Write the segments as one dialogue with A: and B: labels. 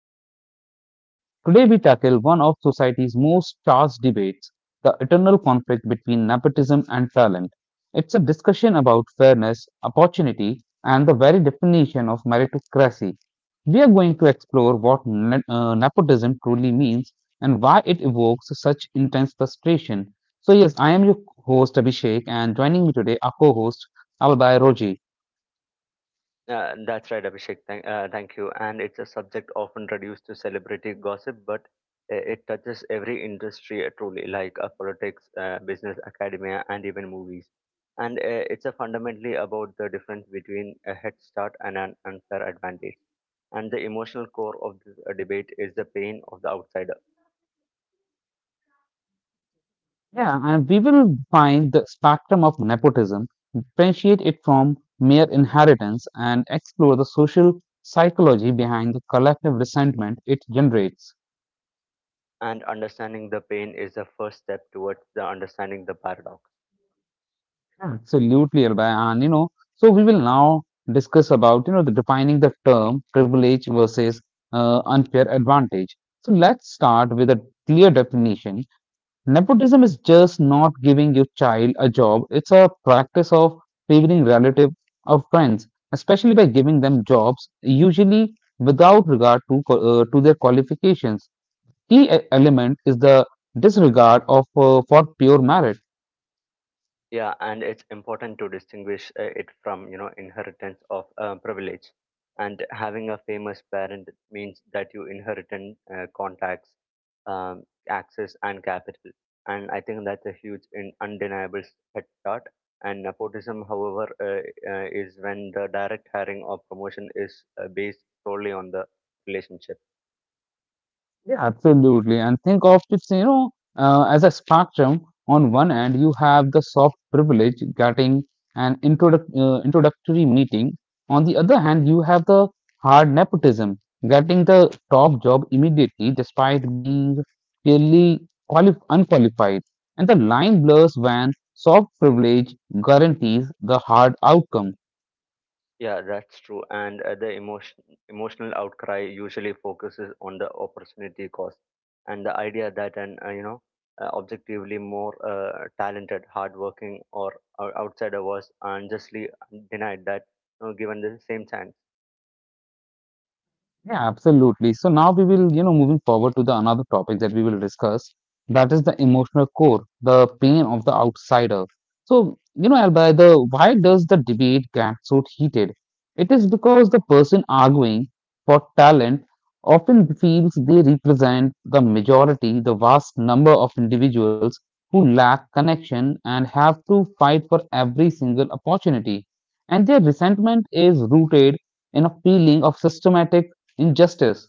A: Privilege Paradox. Today, we tackle one of society's most charged debates, the eternal conflict between nepotism and talent. It's a discussion about fairness, opportunity, and the very definition of meritocracy. We are going to explore what nepotism truly means and why it evokes such intense frustration. So, yes, I am your host, Abhishek, and joining me today, our co host, Albai Roji.
B: That's right, Abhishek. Thank you. And it's a subject often reduced to celebrity gossip, but it touches every industry truly, like politics, business, academia, and even movies. And it's a fundamentally about the difference between a head start and an unfair advantage. And the emotional core of this debate is the pain of the outsider.
A: Yeah, and we will find the spectrum of nepotism, differentiate it from mere inheritance, and explore the social psychology behind the collective resentment it generates.
B: And understanding the pain is the first step towards the understanding the paradox.
A: Yeah. Absolutely, Albay. And so we will now discuss about the defining the term privilege versus unfair advantage. So let's start with a clear definition. Nepotism is just not giving your child a job, it's a practice of favoring relatives or friends, especially by giving them jobs, usually without regard to, to their qualifications. Key element is the disregard of, for pure merit.
B: Yeah, and it's important to distinguish it from, you know, inheritance of privilege. And having a famous parent means that you inherit contacts, um, access, and capital. And I think that's a huge and undeniable head start. And nepotism, however, is when the direct hiring or promotion is based solely on the relationship.
A: Yeah, absolutely. And think of it, as a spectrum. On one end, you have the soft privilege getting an introductory meeting. On the other hand, you have the hard nepotism, getting the top job immediately despite being clearly unqualified. And the line blurs when soft privilege guarantees the hard outcome.
B: Yeah, that's true. And emotional outcry usually focuses on the opportunity cost and the idea that an objectively more talented, hardworking, or outsider was unjustly denied that you know, given the same chance.
A: Yeah, absolutely. So now we will, moving forward to the another topic that we will discuss, that is the emotional core, the pain of the outsider. So, you know, Albaida, why does the debate get so heated? It is because the person arguing for talent often feels they represent the majority, the vast number of individuals who lack connection and have to fight for every single opportunity. And their resentment is rooted in a feeling of systematic injustice.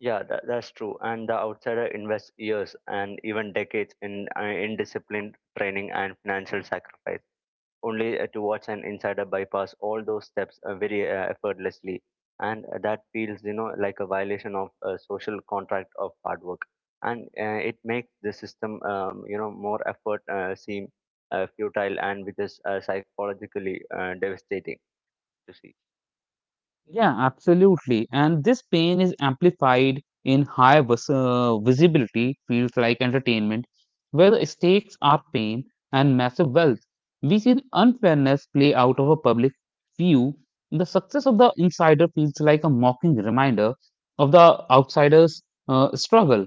B: Yeah, that's true. And the outsider invests years and even decades in disciplined training and financial sacrifice only to watch an insider bypass all those steps very effortlessly and that feels you know like a violation of a social contract of hard work and it makes the system you know more effort seem futile and which is psychologically devastating to see.
A: Yeah, absolutely. And this pain is amplified in high visibility fields like entertainment, where the stakes are fame and massive wealth. We see the unfairness play out of a public view. The success of the insider feels like a mocking reminder of the outsider's struggle.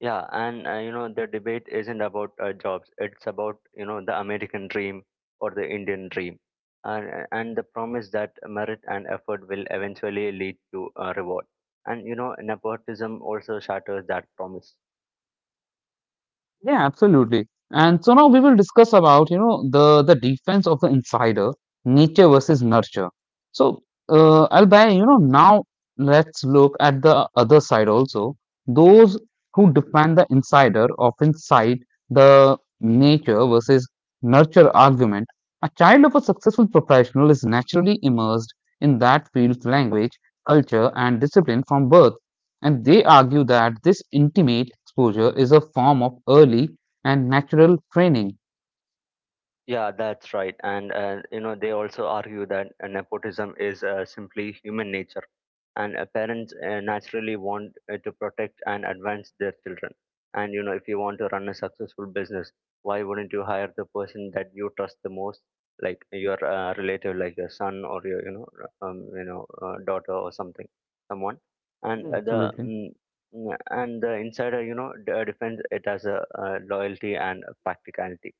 B: Yeah, and you know the debate isn't about jobs. It's about you know the American dream or the Indian dream, and the promise that merit and effort will eventually lead to a reward. And you know nepotism also shatters that promise.
A: Yeah, absolutely. And so now we will discuss about, you know, the defense of the insider, nature versus nurture. So, Albay, you know, now let's look at the other side also. Those who defend the insider often cite the nature versus nurture argument. A child of a successful professional is naturally immersed in that field's language, culture, and discipline from birth. And they argue that this intimate exposure is a form of early and natural training.
B: Yeah, that's right. And you know, they also argue that nepotism is simply human nature, and parents naturally want to protect and advance their children. And you know, if you want to run a successful business, why wouldn't you hire the person that you trust the most, like your relative, like your son or your you know, daughter or something, someone. And
A: Yeah, absolutely.
B: and the insider, you know, defends it as a loyalty and practicality.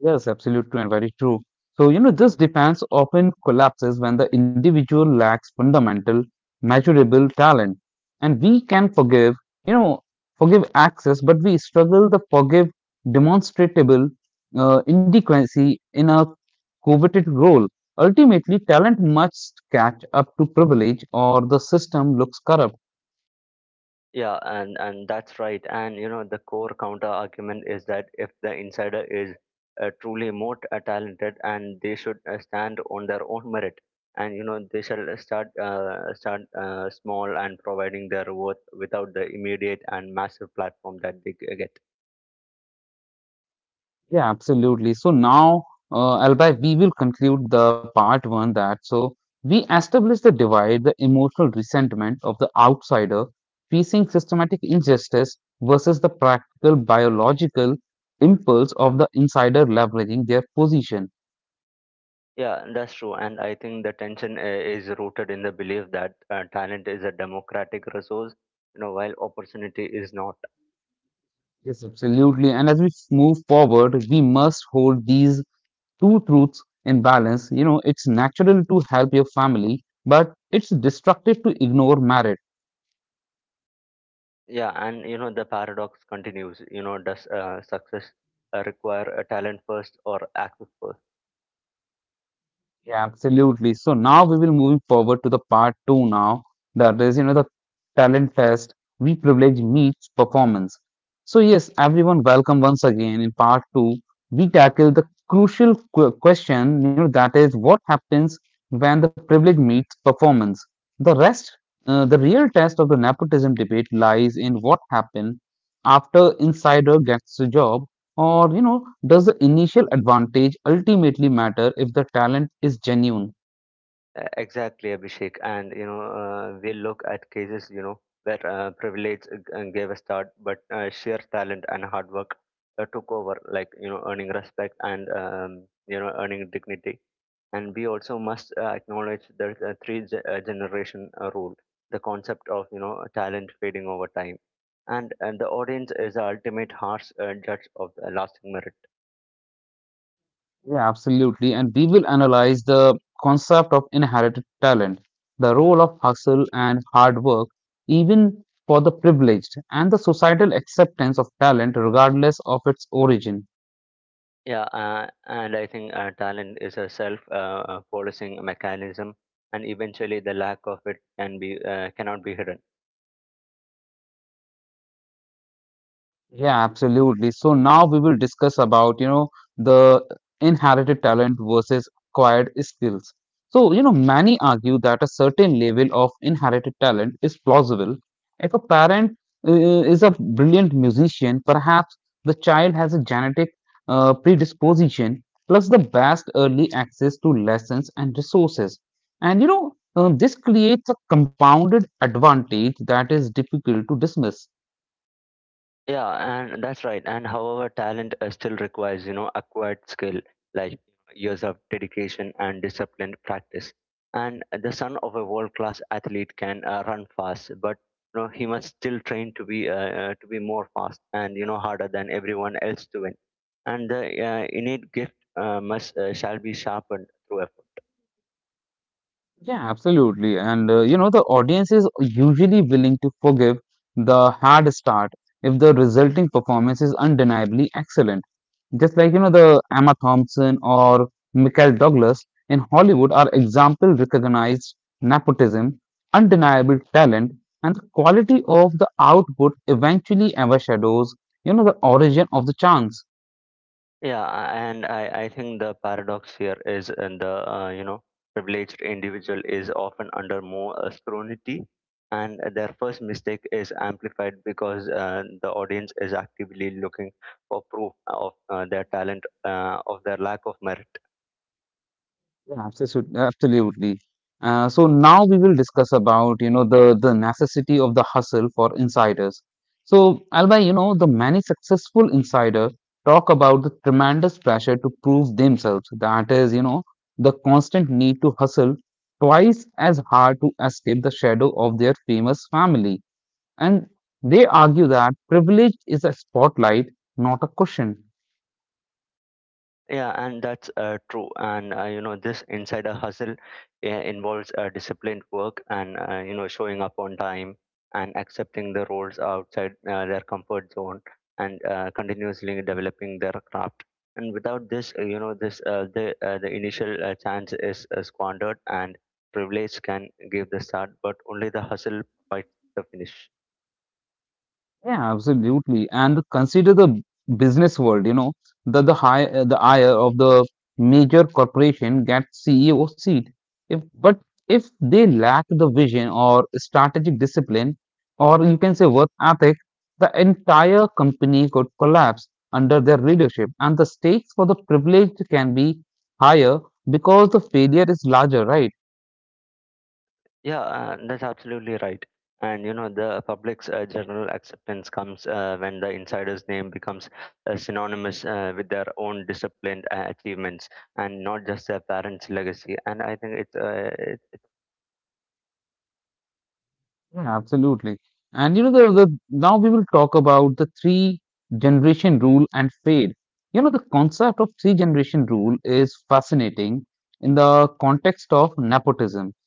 A: Yes, absolutely and very true. So, you know, this defense often collapses when the individual lacks fundamental, measurable talent. And we can forgive, you know, forgive access, but we struggle to forgive demonstrable inadequacy in a coveted role. Ultimately, talent must catch up to privilege or the system looks corrupt.
B: Yeah, and that's right. And you know, the core counter argument is that if the insider is talented, and they should stand on their own merit, and you know, they shall start small and providing their worth without the immediate and massive platform that they get.
A: Yeah, absolutely. So now, Albay, we will conclude the part one that so we established the divide, the emotional resentment of the outsider facing systematic injustice versus the practical biological impulse of the insider leveraging their position.
B: Yeah, that's true. And I think the tension is rooted in the belief that talent is a democratic resource, you know, while opportunity is not.
A: Yes, absolutely. And as we move forward, we must hold these two truths in balance. You know, it's natural to help your family, but it's destructive to ignore merit.
B: Yeah, and you know the paradox continues. You know, does success require a talent first or access first?
A: Yeah, absolutely. So now we will move forward to the part two now. That is, you know, the talent test. We privilege meets performance. So yes, everyone, welcome once again in part two we tackle the crucial question, you know, that is what happens when the privilege meets performance. The rest, the real test of the nepotism debate lies in what happens after insider gets the job, or you know, does the initial advantage ultimately matter if the talent is genuine?
B: Exactly, Abhishek. And you know, we look at cases, you know, where privilege gave a start, but sheer talent and hard work took over, like you know, earning respect and you know, earning dignity. And we also must acknowledge the generation rule, the concept of you know, talent fading over time, and the audience is the ultimate harsh judge of the lasting merit.
A: Yeah, absolutely. And we will analyze the concept of inherited talent, the role of hustle and hard work, even for the privileged, and the societal acceptance of talent regardless of its origin.
B: Yeah, and I think talent is a self policing mechanism, and eventually the lack of it cannot be hidden.
A: Yeah, absolutely. So now we will discuss about, you know, the inherited talent versus acquired skills. So, you know, many argue that a certain level of inherited talent is plausible. If a parent is a brilliant musician, perhaps the child has a genetic predisposition plus the best early access to lessons and resources. And, this creates a compounded advantage that is difficult to dismiss.
B: Yeah, and that's right. And however, talent still requires, you know, acquired skill like years of dedication and disciplined practice. And the son of a world-class athlete can run fast, but you know he must still train to be more fast and you know harder than everyone else to win. And the innate gift must shall be sharpened through effort.
A: Yeah, absolutely. And you know, the audience is usually willing to forgive the hard start if the resulting performance is undeniably excellent. Just like, you know, the Emma Thompson or Michael Douglas in Hollywood are example recognized nepotism, undeniable talent, and the quality of the output eventually overshadows, you know, the origin of the chance.
B: Yeah, I think the paradox here is in the you know privileged individual is often under more scrutiny, and their first mistake is amplified because the audience is actively looking for proof of of their lack of merit.
A: Yeah, absolutely, absolutely. So now we will discuss about the necessity of the hustle for insiders. So Alba, you know the many successful insider talk about the tremendous pressure to prove themselves. That is, you know, the constant need to hustle twice as hard to escape the shadow of their famous family. And they argue that privilege is a spotlight, not a cushion.
B: Yeah, and that's true. And you know, this insider hustle involves disciplined work and you know showing up on time and accepting the roles outside their comfort zone and continuously developing their craft. And without this, the initial chance is squandered, and privilege can give the start, but only the hustle fights the finish.
A: Yeah, absolutely. And consider the business world, you know, the high the higher of the major corporation gets CEO seat. If but if they lack the vision or strategic discipline, or you can say work ethic, the entire company could collapse under their leadership, and the stakes for the privileged can be higher because the failure is larger, right?
B: Yeah, that's absolutely right. And you know, the public's general acceptance comes when the insider's name becomes synonymous with their own disciplined achievements and not just their parents' legacy. And I think it's
A: Yeah, absolutely. And you know, the now we will talk about the three generation rule and fade. You know, the concept of three generation rule is fascinating in the context of nepotism.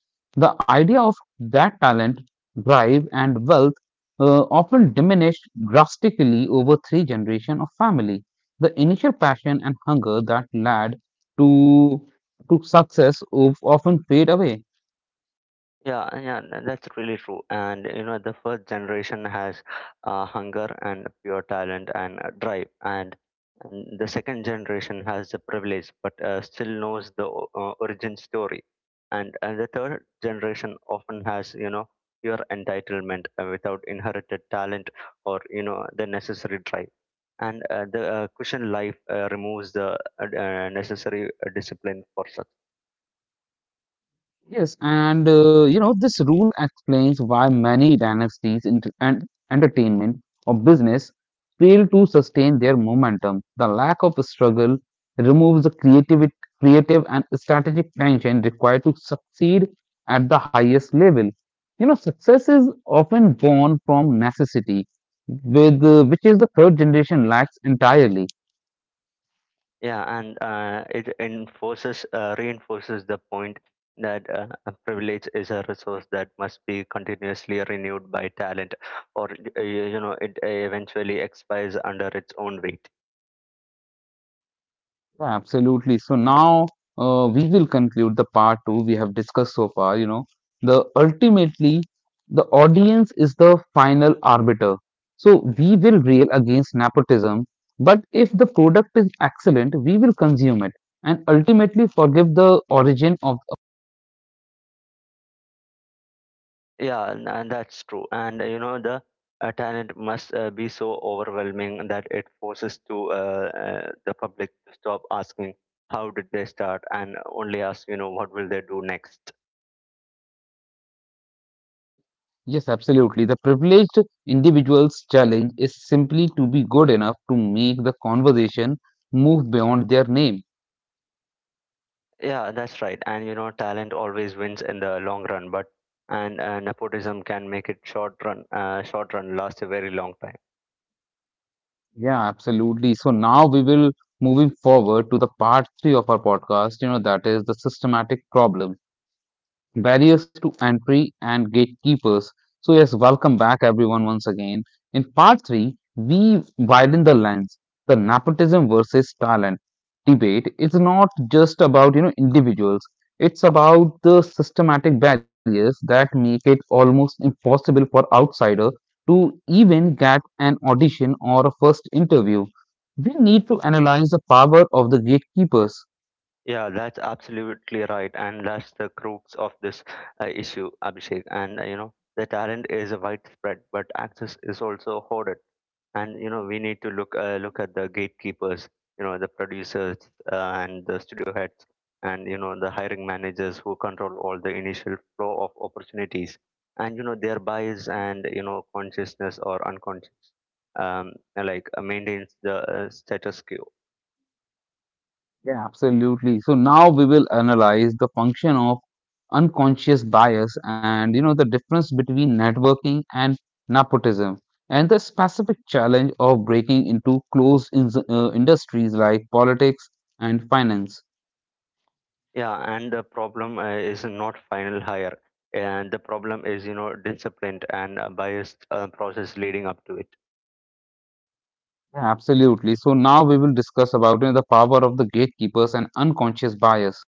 A: The idea of that talent, drive, and wealth often diminished drastically over three generation of family. The initial passion and hunger that led to to success of, often fade away.
B: yeah, that's really true. And you know, the first generation has hunger and pure talent and drive, and the second generation has the privilege but still knows the origin story, and the third generation often has you know pure entitlement without inherited talent or you know the necessary drive. And the cushion life removes the necessary discipline for success.
A: Yes, and you know, this rule explains why many dynasties in and entertainment or business fail to sustain their momentum. The lack of struggle removes the creative and strategic tension required to succeed at the highest level. You know, success is often born from necessity, with which is the third generation lacks entirely.
B: Yeah, and it enforces reinforces the point that a privilege is a resource that must be continuously renewed by talent, or you know, it eventually expires under its own weight.
A: Yeah, absolutely. So now we will conclude the part two we have discussed so far. You know, the ultimately the audience is the final arbiter. So we will rail against nepotism, but if the product is excellent, we will consume it and ultimately forgive the origin of.
B: Yeah, and that's true. And you know, the talent must be so overwhelming that it forces to the public to stop asking how did they start and only ask you know what will they do next.
A: Yes, absolutely. The privileged individual's challenge is simply to be good enough to make the conversation move beyond their name.
B: Yeah, that's right. And you know, talent always wins in the long run, but and nepotism can make it short run last a very long time.
A: Yeah, absolutely. So now we will moving forward to the part three of our podcast, you know, that is the systematic problems barriers to entry and gatekeepers. So, yes, welcome back everyone once again. In part three, we widen the lens. The nepotism versus talent debate is not just about, you know, individuals. It's about the systematic barriers that make it almost impossible for outsider to even get an audition or a first interview. We need to analyze the power of the gatekeepers.
B: Yeah, that's absolutely right, and that's the crux of this issue, Abhishek. And you know, the talent is widespread, but access is also hoarded. And you know we need to look at the gatekeepers you know the producers and the studio heads and you know the hiring managers who control all the initial flow of opportunities and you know their bias and you know consciousness or unconscious like maintains the status quo.
A: Yeah, absolutely. So now we will analyze the function of unconscious bias and you know the difference between networking and nepotism and the specific challenge of breaking into closed in industries like politics and finance.
B: Yeah, and the problem is not final hire and the problem is you know disciplined and biased process leading up to it.
A: Yeah, absolutely. So now we will discuss about you know, the power of the gatekeepers and unconscious bias.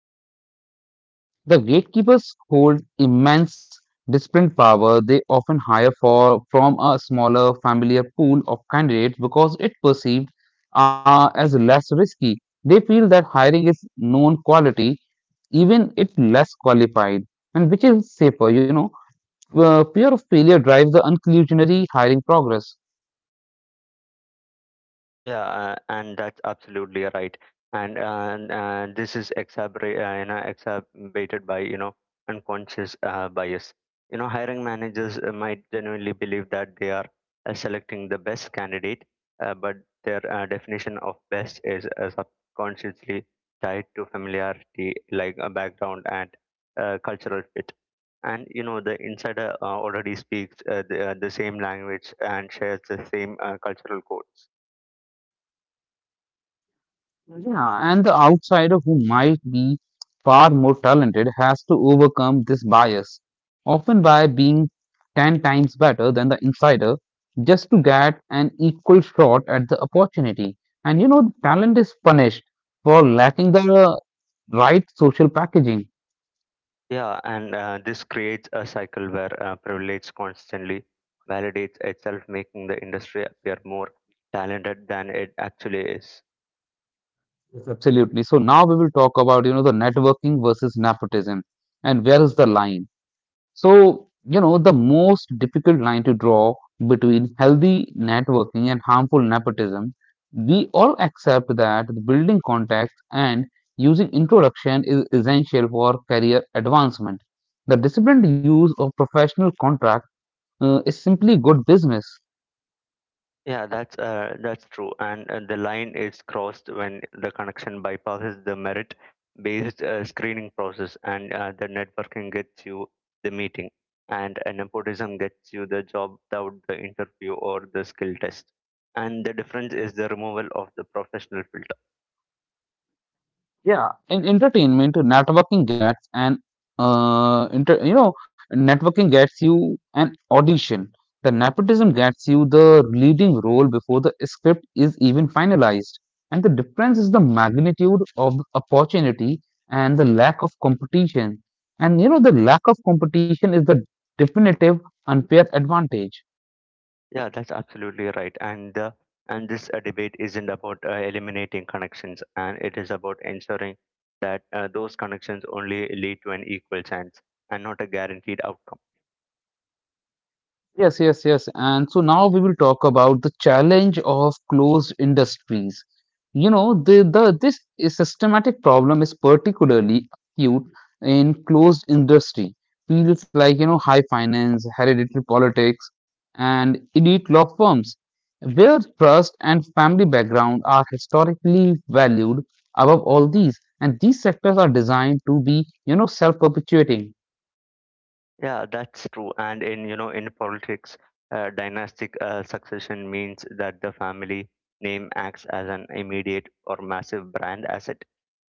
A: The gatekeepers hold immense disciplined power. They often hire for from a smaller familiar pool of candidates because it perceived as less risky. They feel that hiring is known quality, even if less qualified, and which is safer, you know. Fear of failure drives the inclusionary hiring progress.
B: Yeah, and that's absolutely right. And this is exacerbated by you know unconscious bias. You know, hiring managers might genuinely believe that they are selecting the best candidate, but their definition of best is subconsciously tied to familiarity, like a background and cultural fit. And you know, the insider already speaks the same language and shares the same cultural codes.
A: Yeah, and the outsider who might be far more talented has to overcome this bias, often by being ten times better than the insider, just to get an equal shot at the opportunity. And you know, talent is punished for lacking the right social packaging.
B: Yeah, and this creates a cycle where privilege constantly validates itself, making the industry appear more talented than it actually is.
A: Yes, absolutely. So now we will talk about, you know, the networking versus nepotism and where is the line. So, you know, the most difficult line to draw between healthy networking and harmful nepotism, we all accept that the building contacts and using introduction is essential for career advancement. The disciplined use of professional contract is simply good business.
B: Yeah, that's true. And the line is crossed when the connection bypasses the merit-based screening process, and the networking gets you the meeting, and nepotism gets you the job without the interview or the skill test. And the difference is the removal of the professional filter.
A: Yeah, in entertainment, networking gets an uh, inter- you know, networking gets you an audition. The nepotism gets you the leading role before the script is even finalized. And the difference is the magnitude of the opportunity and the lack of competition. And you know, the lack of competition is the definitive unfair advantage.
B: Yeah, that's absolutely right. And this debate isn't about eliminating connections, and it is about ensuring that those connections only lead to an equal chance and not a guaranteed outcome.
A: Yes, yes, yes. And so now we will talk about the challenge of closed industries. You know, the this is systematic problem is particularly acute in closed industry fields like high finance, hereditary politics, and elite law firms, where trust and family background are historically valued above all these. And these sectors are designed to be self-perpetuating.
B: Yeah, that's true. And in you know in politics, dynastic succession means that the family name acts as an immediate or massive brand asset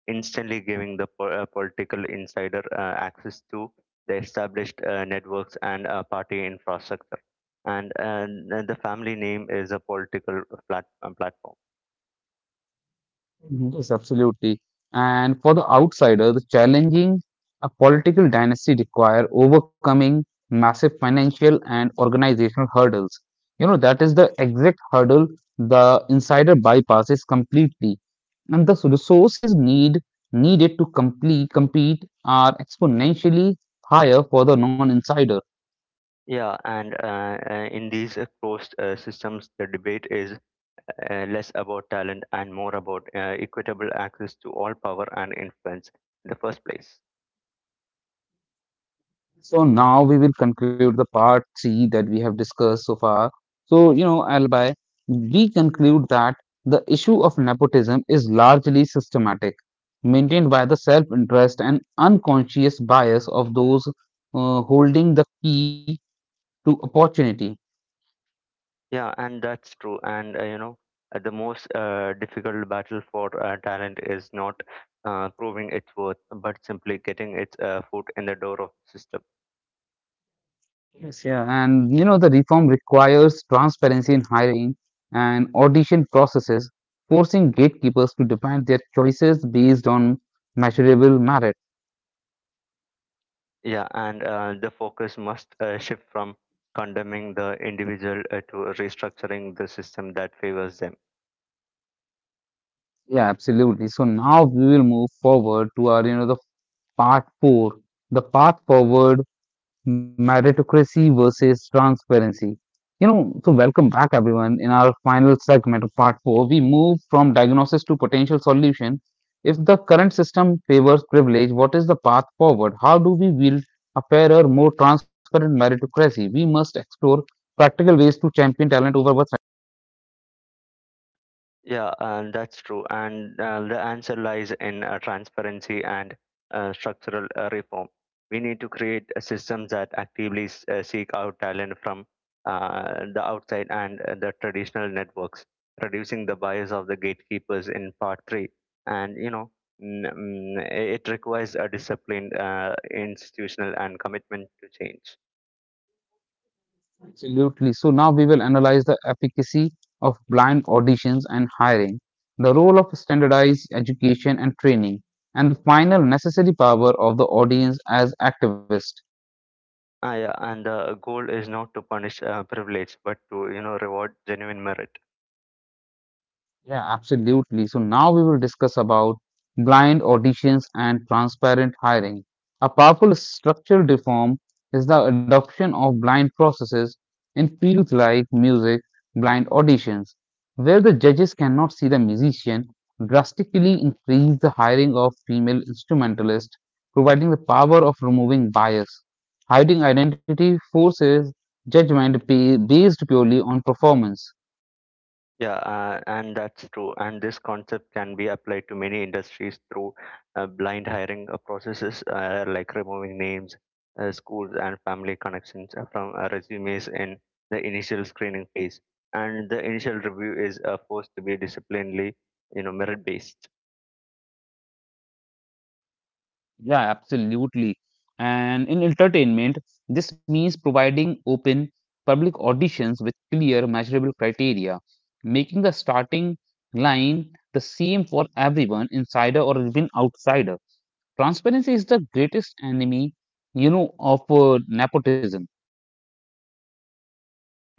B: instantly giving the political insider access to the established networks and party infrastructure. And, the family name is a political platform.
A: Yes, absolutely. And for the outsider, the challenging a political dynasty require overcoming massive financial and organizational hurdles. You know, that is the exact hurdle the insider bypasses completely. And the resources needed to compete are exponentially higher for the non-insider.
B: Yeah, and in these closed systems, the debate is less about talent and more about equitable access to all power and influence in the first place.
A: So now we will conclude the part three that we have discussed so far. So, you know, Albai, we conclude that the issue of nepotism is largely systematic, maintained by the self interest and unconscious bias of those holding the key to opportunity.
B: Yeah, and that's true. And you know, the most difficult battle for talent is not proving its worth, but simply getting its foot in the door of the system.
A: Yes, yeah. And, you know, the reform requires transparency in hiring and audition processes, forcing gatekeepers to define their choices based on measurable merit.
B: Yeah, and the focus must shift from condemning the individual to restructuring the system that favors them.
A: Yeah, absolutely. So now we will move forward to our, you know, the part four, the path forward, meritocracy versus transparency. You know, so welcome back everyone. In our final segment of part four, we move from diagnosis to potential solution. If the current system favors privilege, what is the path forward? How do we build a fairer, more transparent meritocracy? We must explore practical ways to champion talent over what's
B: Yeah, and that's true. And the answer lies in transparency and structural reform. We need to create systems that actively seek out talent from the outside and the traditional networks, reducing the bias of the gatekeepers in part three. And n- it requires a disciplined, institutional, and commitment to change.
A: absolutely. So now we will analyze the efficacy of blind auditions and hiring, the role of standardized education and training, and the final necessary power of the audience as activists.
B: Ah, yeah, and the goal is not to punish privilege, but to reward genuine merit.
A: Yeah, absolutely. So now we will discuss about blind auditions and transparent hiring. A powerful structural reform is the adoption of blind processes in fields like music, blind auditions, where the judges cannot see the musician, drastically increase the hiring of female instrumentalists, providing the power of removing bias. Hiding identity forces judgment based purely on performance.
B: Yeah, and that's true. And this concept can be applied to many industries through blind hiring processes, like removing names, schools, and family connections from resumes in the initial screening phase. And the initial review is forced to be disciplinarily, you know, merit based.
A: Yeah, absolutely. And in entertainment, this means providing open public auditions with clear measurable criteria, making the starting line the same for everyone, insider or even outsider. Transparency is the greatest enemy, you know, of nepotism.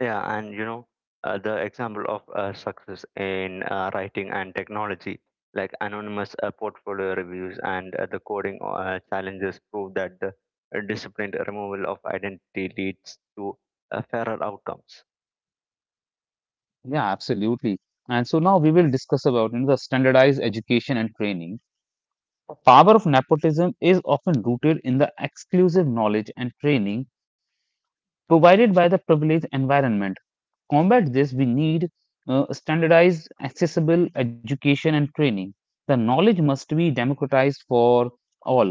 B: Yeah, and you know, the example of success in writing and technology, like anonymous portfolio reviews and the coding challenges, prove that the disciplined removal of identity leads to fairer outcomes.
A: Yeah, absolutely. And so now we will discuss about, the standardized education and training. The power of nepotism is often rooted in the exclusive knowledge and training provided by the privileged environment. To combat this, we need standardized, accessible education and training. The knowledge must be democratized for all.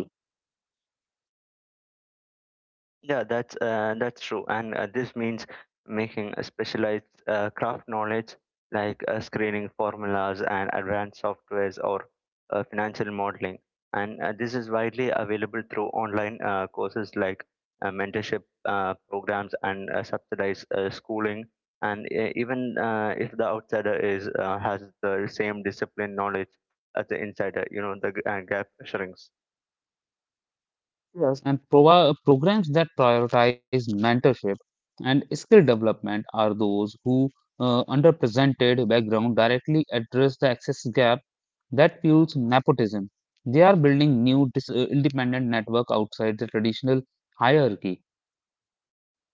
B: Yeah, that's true, and this means making a specialized craft knowledge like screening formulas and advanced softwares or financial modeling. And this is widely available through online courses like mentorship programs and subsidized schooling. And even if the outsider is has the same discipline knowledge as the insider, you know the gap shrinks.
A: Yes. And programs that prioritize mentorship and skill development are those who underrepresented background directly address the access gap that fuels nepotism. They are building new independent network outside the traditional hierarchy.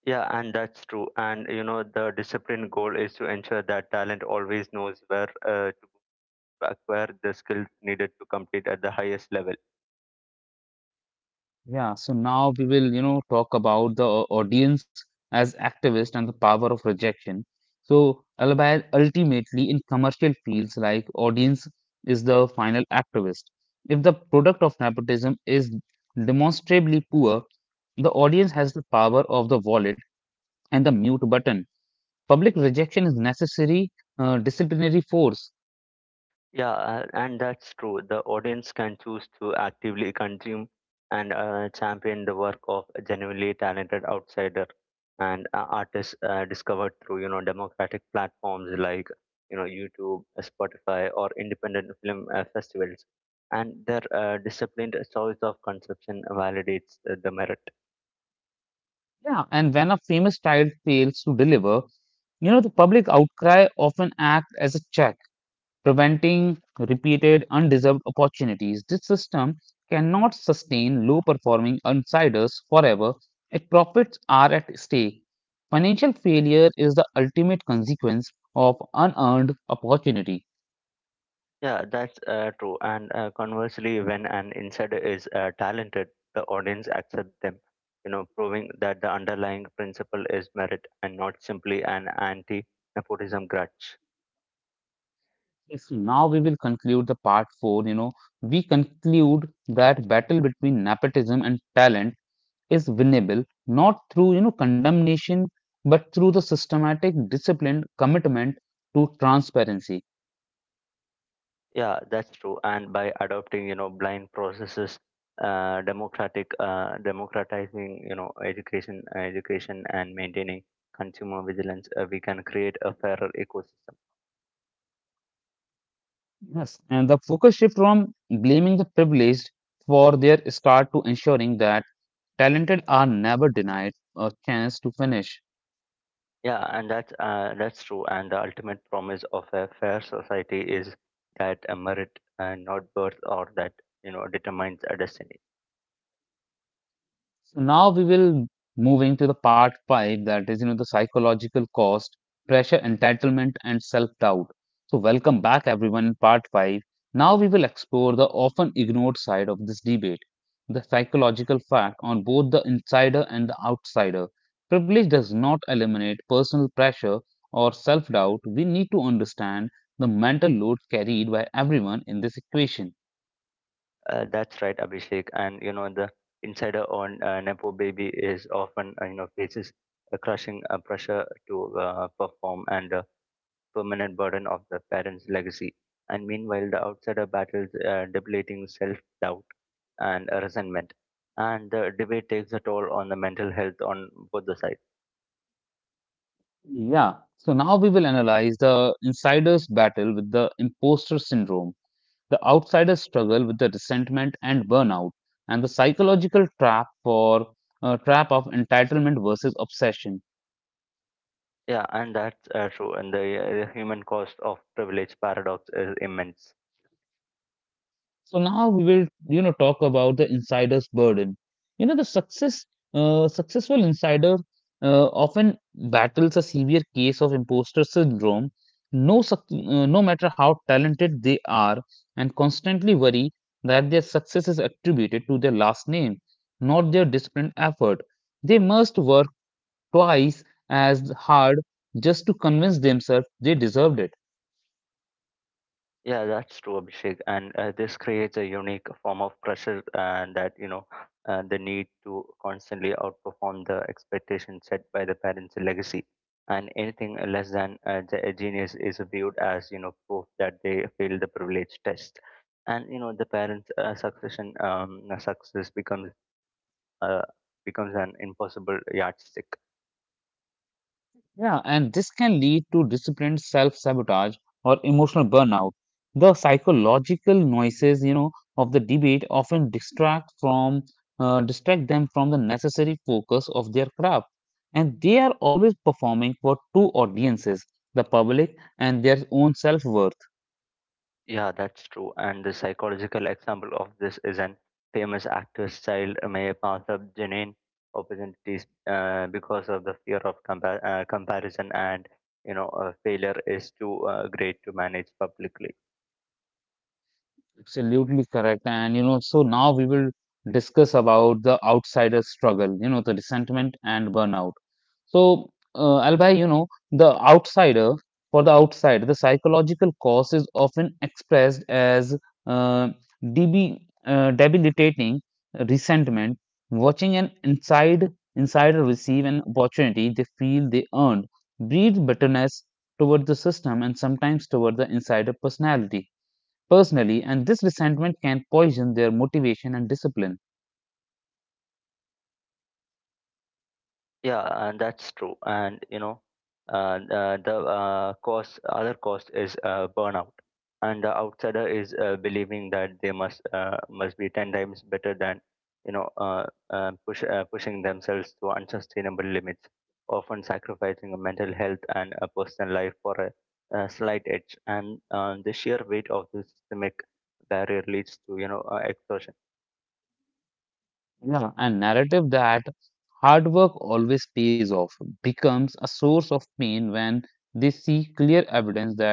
B: Yeah, and that's true. And you know, the discipline goal is to ensure that talent always knows where to acquire the skills needed to compete at the highest level.
A: Yeah, so now we will, you know, talk about the audience as activist and the power of rejection. So, albeit ultimately in commercial fields like audience is the final activist. If the product of nepotism is demonstrably poor, the audience has the power of the wallet and the mute button. Public rejection is necessary disciplinary force.
B: Yeah, and that's true. The audience can choose to actively consume and champion the work of a genuinely talented outsider and artists discovered through democratic platforms like YouTube, Spotify, or independent film festivals. And their disciplined choice of conception validates the merit.
A: Yeah, and when a famous child fails to deliver, you know, the public outcry often acts as a check preventing repeated undeserved opportunities. This system cannot sustain low performing outsiders forever. Its profits are at stake. Financial failure is the ultimate consequence of unearned opportunity.
B: Yeah, that's true. And conversely, when an insider is talented, the audience accepts them, you know, proving that the underlying principle is merit and not simply an anti nepotism grudge.
A: Yes, now we will conclude the part 4. You know, we conclude that battle between nepotism and talent is winnable not through condemnation but through the systematic disciplined commitment to transparency.
B: Yeah, that's true. And by adopting, you know, blind processes, democratizing, education, and maintaining consumer vigilance, we can create a fairer ecosystem.
A: Yes, and the focus shift from blaming the privileged for their start to ensuring that talented are never denied a chance to finish.
B: Yeah, and that's true. And the ultimate promise of a fair society is that merit, not birth, or that you know determines a destiny.
A: So now we will moving to the part five, that is, you know, the psychological cost, pressure, entitlement, and self-doubt. So welcome back, everyone, in part five. Now we will explore the often ignored side of this debate, the psychological fact on both the insider and the outsider. Privilege does not eliminate personal pressure or self-doubt. We need to understand the mental load carried by everyone in this equation.
B: That's right, Abhishek. And you know the insider on nepo baby is often you know faces a crushing pressure to perform and the permanent burden of the parents' legacy. And meanwhile, the outsider battles debilitating self-doubt and resentment, and the debate takes a toll on the mental health on both the sides.
A: Yeah. So now we will analyze the insider's battle with the imposter syndrome, the outsider's struggle with the resentment and burnout, and the psychological trap for trap of entitlement versus obsession.
B: Yeah, and that's true. And the human cost of privilege paradox is immense.
A: So now we will talk about the insider's burden. You know the successful insider often battles a severe case of imposter syndrome, no matter how talented they are, and constantly worry that their success is attributed to their last name, not their disciplined effort. They must work twice as hard just to convince themselves they deserved it.
B: Yeah, that's true, Abhishek. And this creates a unique form of pressure, and that you know, the need to constantly outperform the expectations set by the parents' legacy, and anything less than a genius is viewed as you know proof that they failed the privilege test. And you know, the parents' success becomes uh, becomes an impossible yardstick.
A: Yeah, and this can lead to disciplined self sabotage or emotional burnout. The psychological noises, you know, of the debate often distract them from the necessary focus of their craft, and they are always performing for two audiences: the public and their own self worth.
B: Yeah, that's true. And the psychological example of this is an famous actor's child may pass up genuine opportunities because of the fear of comparison and failure is too great to manage publicly.
A: Absolutely correct, and you know, so now we will discuss about the outsider struggle, you know, the resentment and burnout. So, Albay, you know, for the outside, the psychological cause is often expressed as uh, debi- debilitating resentment. Watching an insider receive an opportunity they feel they earned breeds bitterness toward the system and sometimes toward the insider personality personally, and this resentment can poison their motivation and discipline.
B: Yeah, and that's true. And you know, the other cost is burnout, and the outsider is believing that they must be 10 times better than pushing themselves to unsustainable limits, often sacrificing a mental health and a personal life for a slight edge. And the sheer weight of this systemic barrier leads to exhaustion.
A: Yeah, a narrative that hard work always pays off becomes a source of pain when they see clear evidence that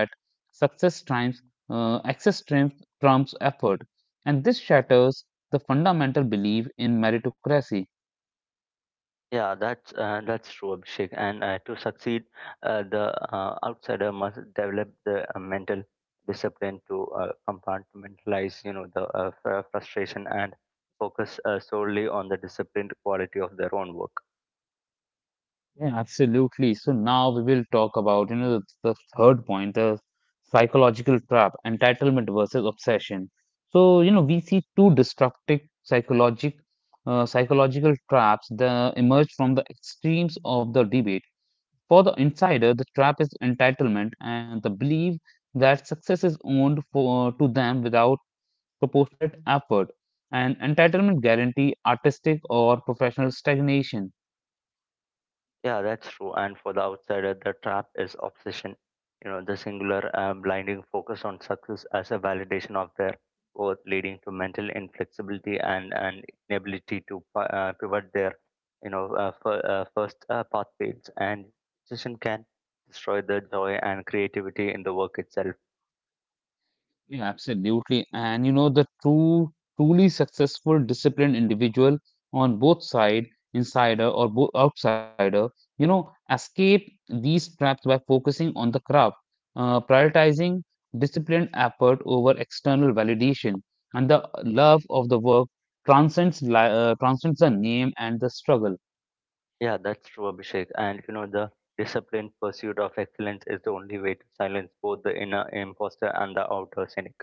A: success triumphs, access triumphs trumps effort, and this shatters the fundamental belief in meritocracy.
B: Yeah, that's true, Abhishek. And to succeed, the outsider must develop the mental discipline to compartmentalize, you know, the frustration and focus solely on the disciplined quality of their own work.
A: Yeah, absolutely. So now we will talk about, you know, the third point, the psychological trap, entitlement versus obsession. So, you know, we see two destructive psychological traps that emerge from the extremes of the debate. For the insider, the trap is entitlement and the belief that success is owned to them without proportionate effort. And entitlement guarantee artistic or professional stagnation.
B: Yeah, that's true. And for the outsider, the trap is obsession. You know, the singular blinding focus on success as a validation of their worth, leading to mental inflexibility and inability to pivot their, you know, first pathways. And obsession can destroy the joy and creativity in the work itself.
A: Yeah, absolutely. And you know, the truly successful, disciplined individual on both side, insider or bo outsider, you know, escape these traps by focusing on the craft, prioritizing disciplined effort over external validation, and the love of the work transcends the name and the struggle.
B: Yeah, that's true, Abhishek. And you know, the disciplined pursuit of excellence is the only way to silence both the inner imposter and the outer cynic.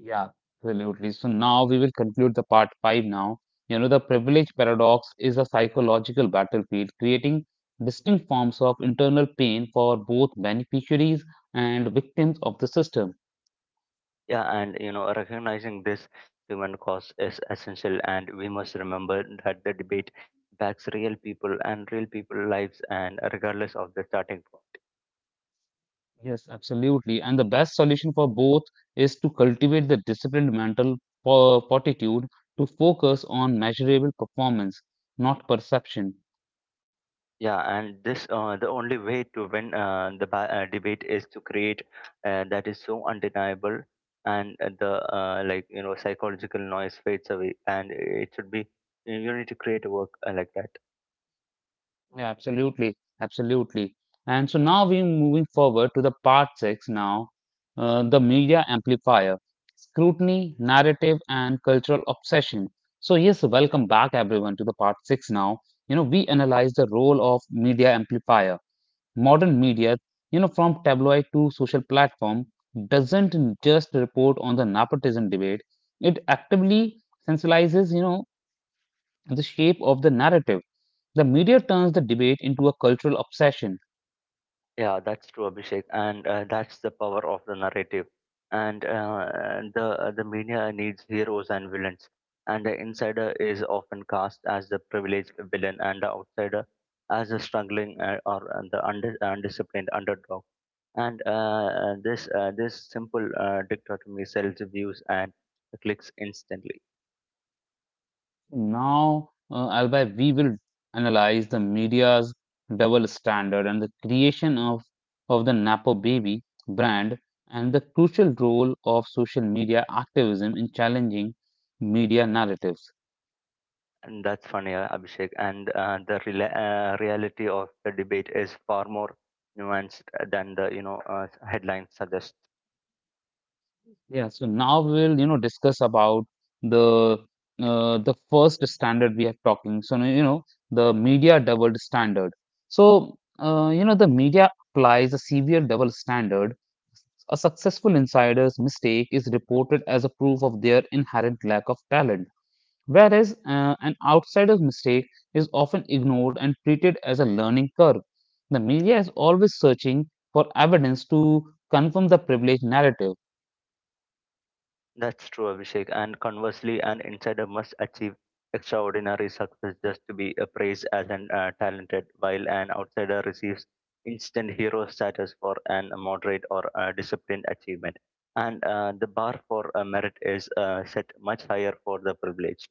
A: Yeah, absolutely. So now we will conclude the part five now. You know, the privilege paradox is a psychological battlefield, creating distinct forms of internal pain for both beneficiaries and victims of the system.
B: Yeah, and you know, recognizing this human cost is essential, and we must remember that the debate backs real people and real people lives, and regardless of the starting point.
A: Yes, absolutely. And the best solution for both is to cultivate the disciplined mental fortitude to focus on measurable performance, not perception.
B: Yeah, and this The only way to win debate is to create that is so undeniable, and the like you know psychological noise fades away, and it should be you need to create a work like that.
A: Yeah, absolutely. And so now we're moving forward to the part six now, the media amplifier, scrutiny, narrative, and cultural obsession. So yes, welcome back everyone to the part six now. You know, we analyze the role of media amplifier. Modern media, you know, from tabloid to social platform, doesn't just report on the nepotism debate. It actively sensibilizes, you know, the shape of the narrative the media turns the debate into a cultural obsession.
B: Yeah, that's true, Abhishek, and that's the power of the narrative. And the media needs heroes and villains, and the insider is often cast as the privileged villain, and the outsider as the struggling undisciplined underdog. And this simple dichotomy sells views and clicks instantly.
A: Now, Albay, we will analyze the media's double standard and the creation of the Napo Baby brand and the crucial role of social media activism in challenging media narratives.
B: And that's funny, Abhishek. And reality of the debate is far more nuanced than the headlines suggest.
A: Yeah, so now we'll, you know, discuss about the the first standard we are talking. So, you know, the media double standard. So, you know, the media applies a severe double standard. A successful insider's mistake is reported as a proof of their inherent lack of talent, whereas an outsider's mistake is often ignored and treated as a learning curve. The media is always searching for evidence to confirm the privileged narrative.
B: That's true, Abhishek. And conversely, an insider must achieve extraordinary success just to be praised as an talented, while an outsider receives instant hero status for an moderate or disciplined achievement. And the bar for merit is set much higher for the privileged.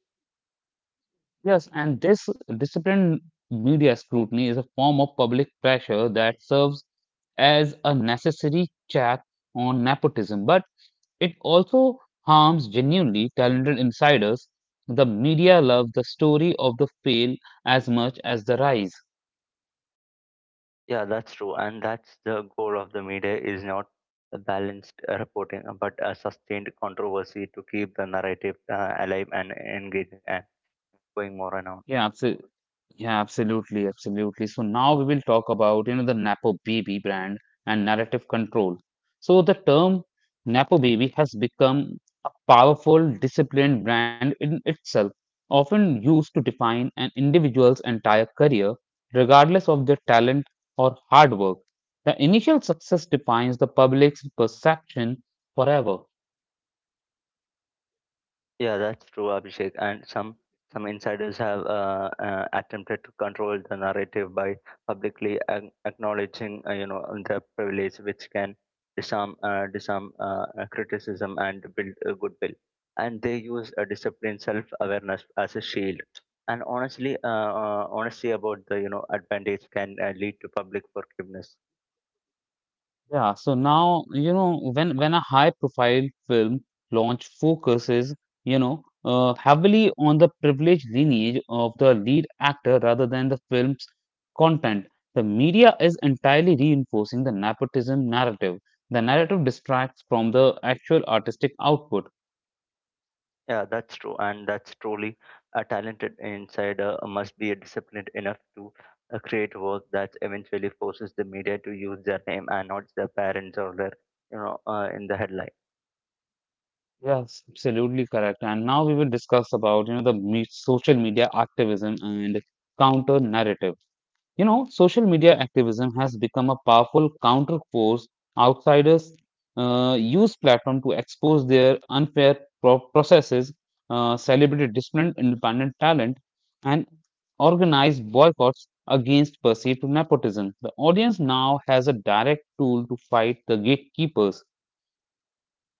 A: Yes, and this disciplined media scrutiny is a form of public pressure that serves as a necessary check on nepotism, but it also harms genuinely talented insiders. The media loves the story of the fail as much as the rise.
B: Yeah, that's true. And that's the goal of the media is not a balanced reporting, but a sustained controversy to keep the narrative alive and engaging and going more and on.
A: Yeah, so Absolutely. So now we will talk about, you know, the Napo Baby brand and narrative control. So the term Napo Baby has become a powerful, disciplined brand in itself, often used to define an individual's entire career, regardless of their talent or hard work. The initial success defines the public's perception forever.
B: Yeah, that's true, Abhishek. And some insiders have attempted to control the narrative by publicly acknowledging, you know, their privilege, which can disarm disarm criticism and build goodwill. And they use a disciplined self-awareness as a shield. And honesty about the you know advantage can lead to public forgiveness.
A: Yeah, so now, you know, when a high profile film launch focuses, you know, heavily on the privileged lineage of the lead actor rather than the film's content, the media is entirely reinforcing the nepotism narrative. The narrative distracts from the actual artistic output.
B: Yeah, that's true, and that's truly a talented insider must be disciplined enough to create work that eventually forces the media to use their name and not their parents or their, you know, in the headline.
A: Yes, absolutely correct. And now we will discuss about, you know, the me social media activism and counter narrative. You know, social media activism has become a powerful counterforce. Outsiders use platform to expose their unfair processes, celebrate disciplined independent talent, and organize boycotts against perceived nepotism. The audience now has a direct tool to fight the gatekeepers.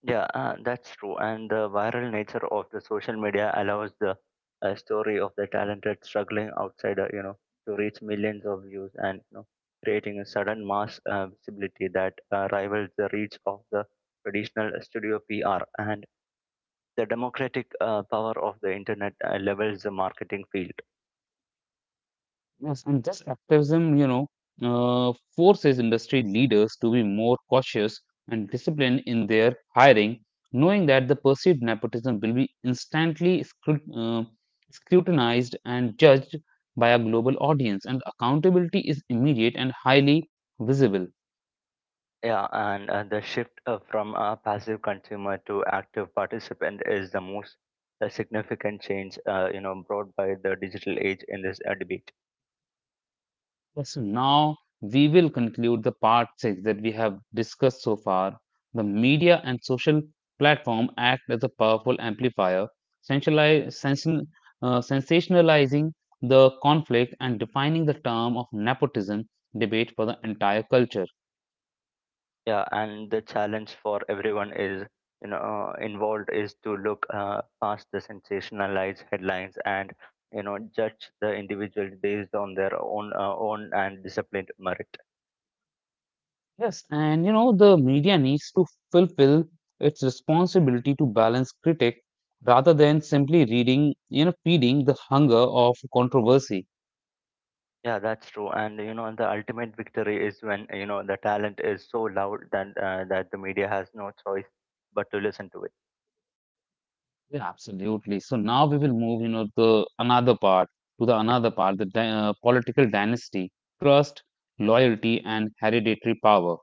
B: Yeah, that's true, and the viral nature of the social media allows the story of the talented struggling outsider, you know, to reach millions of views and you know, creating a sudden mass visibility that rivals the reach of the traditional studio PR and the democratic power of the internet levels the marketing field.
A: Yes, and this activism, forces industry leaders to be more cautious and disciplined in their hiring, knowing that the perceived nepotism will be instantly scrutinized and judged by a global audience, and accountability is immediate and highly visible.
B: Yeah, and the shift from a passive consumer to active participant is the most significant change, you know, brought by the digital age in this debate.
A: Yes, now we will conclude the part six that we have discussed so far. The media and social platform act as a powerful amplifier, sensationali- sensa- sensationalizing the conflict and defining the term of nepotism debate for the entire culture.
B: Yeah, and the challenge for everyone is, you know, involved is to look past the sensationalized headlines and, you know, judge the individual based on their own own and disciplined merit.
A: Yes, and you know, the media needs to fulfill its responsibility to balance critique rather than simply reading, you know, feeding the hunger of controversy.
B: Yeah, that's true. And you know, the ultimate victory is when you know the talent is so loud that the media has no choice but to listen to it.
A: Yeah, absolutely. So now we will move, you know, the another part to the another part, the political dynasty, trust, loyalty, and hereditary power.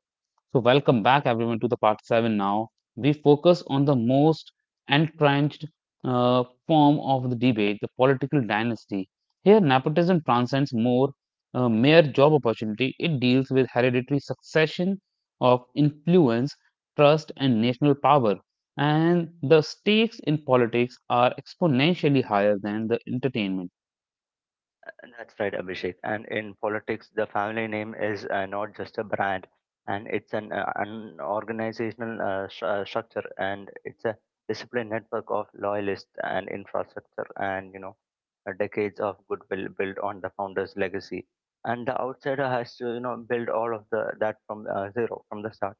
A: So, welcome back everyone to the part 7 now. We focus on the most entrenched form of the debate, the political dynasty. Here, nepotism transcends more mere job opportunity, it deals with hereditary succession of influence, trust, and national power. And the stakes in politics are exponentially higher than the entertainment.
B: And that's right, Abhishek. And in politics, the family name is not just a brand, and it's an organizational structure, and it's a disciplined network of loyalists and infrastructure, and you know, decades of goodwill built on the founder's legacy. And the outsider has to you know build all of the that from zero from the start.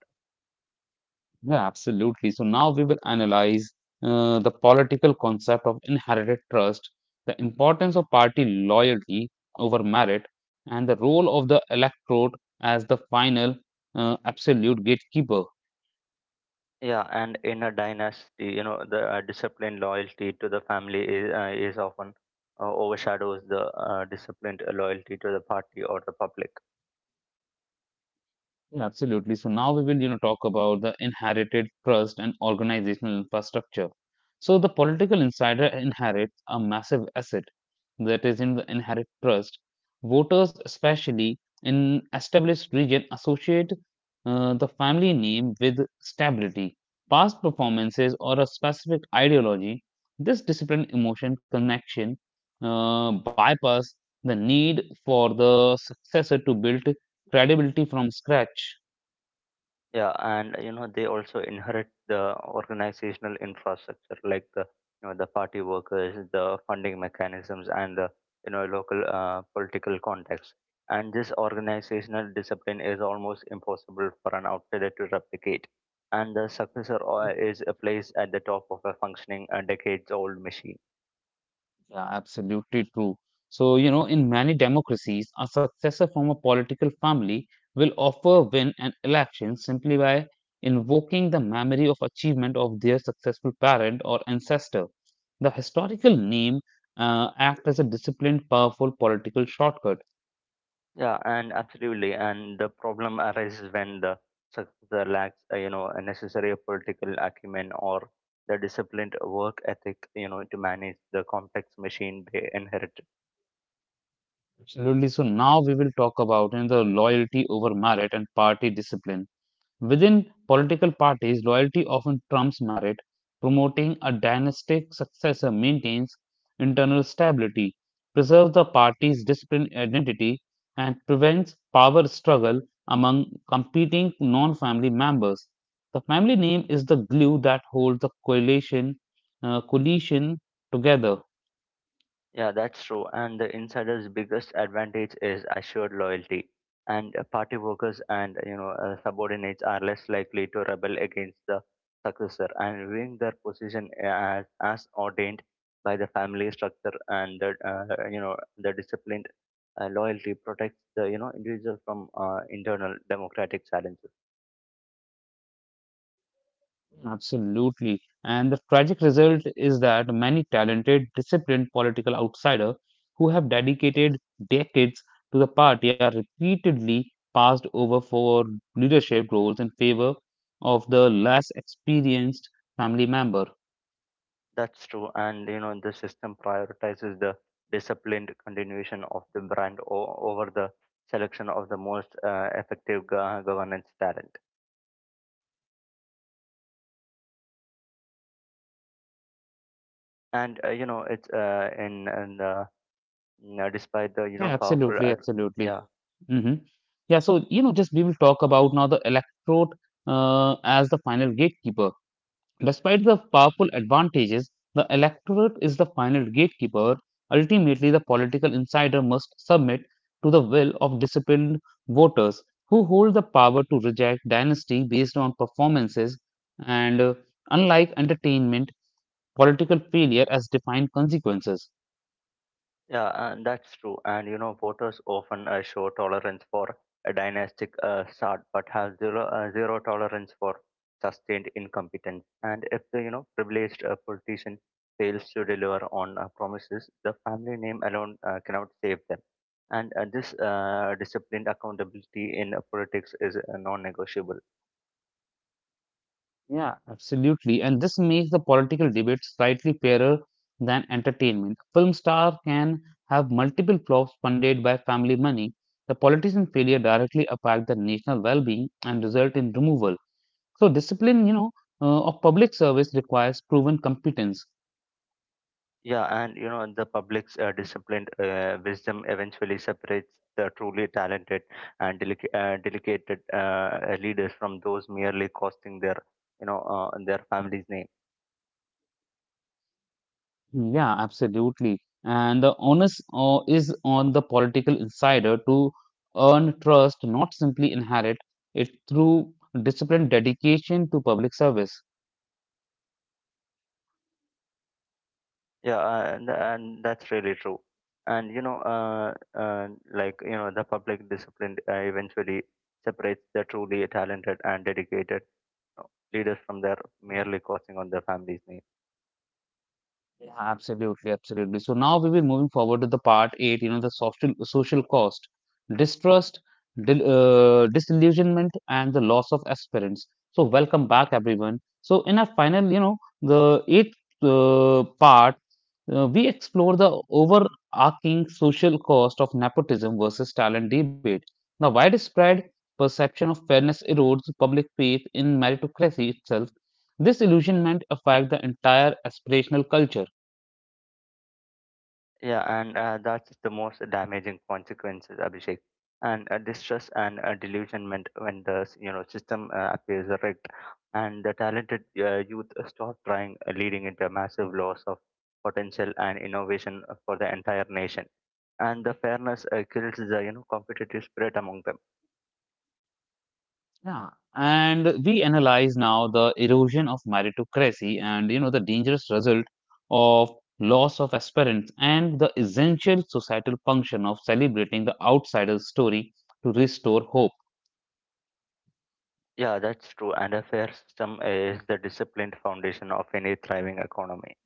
A: Yeah, absolutely. So now we will analyze the political concept of inherited trust, the importance of party loyalty over merit, and the role of the electorate as the final absolute gatekeeper.
B: Yeah, and in a dynasty, you know, the disciplined loyalty to the family is often overshadows the disciplined loyalty to the party or the public.
A: Yeah, absolutely. So now we will, you know, talk about the inherited trust and organizational infrastructure. So the political insider inherits a massive asset that is in the inherent trust. Voters, especially in established region, associate the family name with stability, past performances, or a specific ideology. This disciplined emotion connection bypass the need for the successor to build credibility from scratch.
B: Yeah, and you know they also inherit the organizational infrastructure like the you know the party workers, the funding mechanisms, and the you know local political context. And this organizational discipline is almost impossible for an outsider to replicate. And the successor is placed at the top of a functioning decades-old machine.
A: Yeah, absolutely true. So, you know, in many democracies, a successor from a political family will offer win an election simply by invoking the memory of achievement of their successful parent or ancestor. The historical name act as a disciplined, powerful political shortcut.
B: Yeah, and absolutely. And the problem arises when the successor lacks, you know, a necessary political acumen or the disciplined work ethic, you know, to manage the complex machine they inherited.
A: Absolutely. So now we will talk about you the loyalty over merit and party discipline. Within political parties, loyalty often trumps merit. Promoting a dynastic successor maintains internal stability, preserves the party's disciplined identity, and prevents power struggle among competing non family members. The family name is the glue that holds the coalition, coalition together.
B: Yeah, that's true. And the insider's biggest advantage is assured loyalty. And party workers and subordinates are less likely to rebel against the successor and viewing their position as ordained by the family structure and the the disciplined loyalty protects the you know individual from internal democratic challenges.
A: Absolutely. And the tragic result is that many talented, disciplined political outsiders who have dedicated decades to the party are repeatedly passed over for leadership roles in favor of the less experienced family member.
B: That's true, and you know the system prioritizes the disciplined continuation of the brand over the selection of the most effective governance talent. And you know it's in the, you know, despite the you know
A: Yeah,
B: powerful
A: absolutely,
B: ad-
A: absolutely.
B: yeah
A: Hmm. Yeah, so you know, just we will talk about now the electorate as the final gatekeeper. Despite the powerful advantages, the electorate is the final gatekeeper. Ultimately, the political insider must submit to the will of disciplined voters who hold the power to reject dynasty based on performances and, unlike entertainment, political failure has defined consequences.
B: Yeah, and that's true. And you know, voters often show tolerance for a dynastic start, but have zero tolerance for sustained incompetence. And if the you know privileged politician fails to deliver on promises, the family name alone cannot save them. And this disciplined accountability in politics is non-negotiable.
A: Yeah, absolutely. And this makes the political debate slightly fairer than entertainment. A film star can have multiple flops funded by family money. The politician failure directly affect the national well-being and result in removal. So discipline, you know, of public service requires proven competence.
B: Yeah, and you know the public's disciplined wisdom eventually separates the truly talented and delicated leaders from those merely costing their, you know, their family's name.
A: Yeah, absolutely. And the onus is on the political insider to earn trust, not simply inherit it through disciplined dedication to public service.
B: Yeah, and that's really true. And you know, uh, like you know, the public discipline eventually separates the truly talented and dedicated you leaders from their merely costing on their family's name.
A: Yeah, absolutely. So now we will moving forward to the part eight, you know, the social social cost, distrust, disillusionment, and the loss of aspirants. So welcome back, everyone. So in our final, you know, the eighth part, we explore the overarching social cost of nepotism versus talent debate. The widespread perception of fairness erodes public faith in meritocracy itself. This illusionment affects the entire aspirational culture.
B: Yeah, and that's the most damaging consequences, Abhishek. And distress and delusionment when the you know system appears rigged, and the talented youth stop trying, leading into a massive loss of potential and innovation for the entire nation. And the fairness kills the you know competitive spirit among them.
A: Yeah, and we analyze now the erosion of meritocracy and you know the dangerous result of loss of aspirants and the essential societal function of celebrating the outsider's story to restore hope.
B: Yeah, that's true. And a fair system is the disciplined foundation of any thriving economy.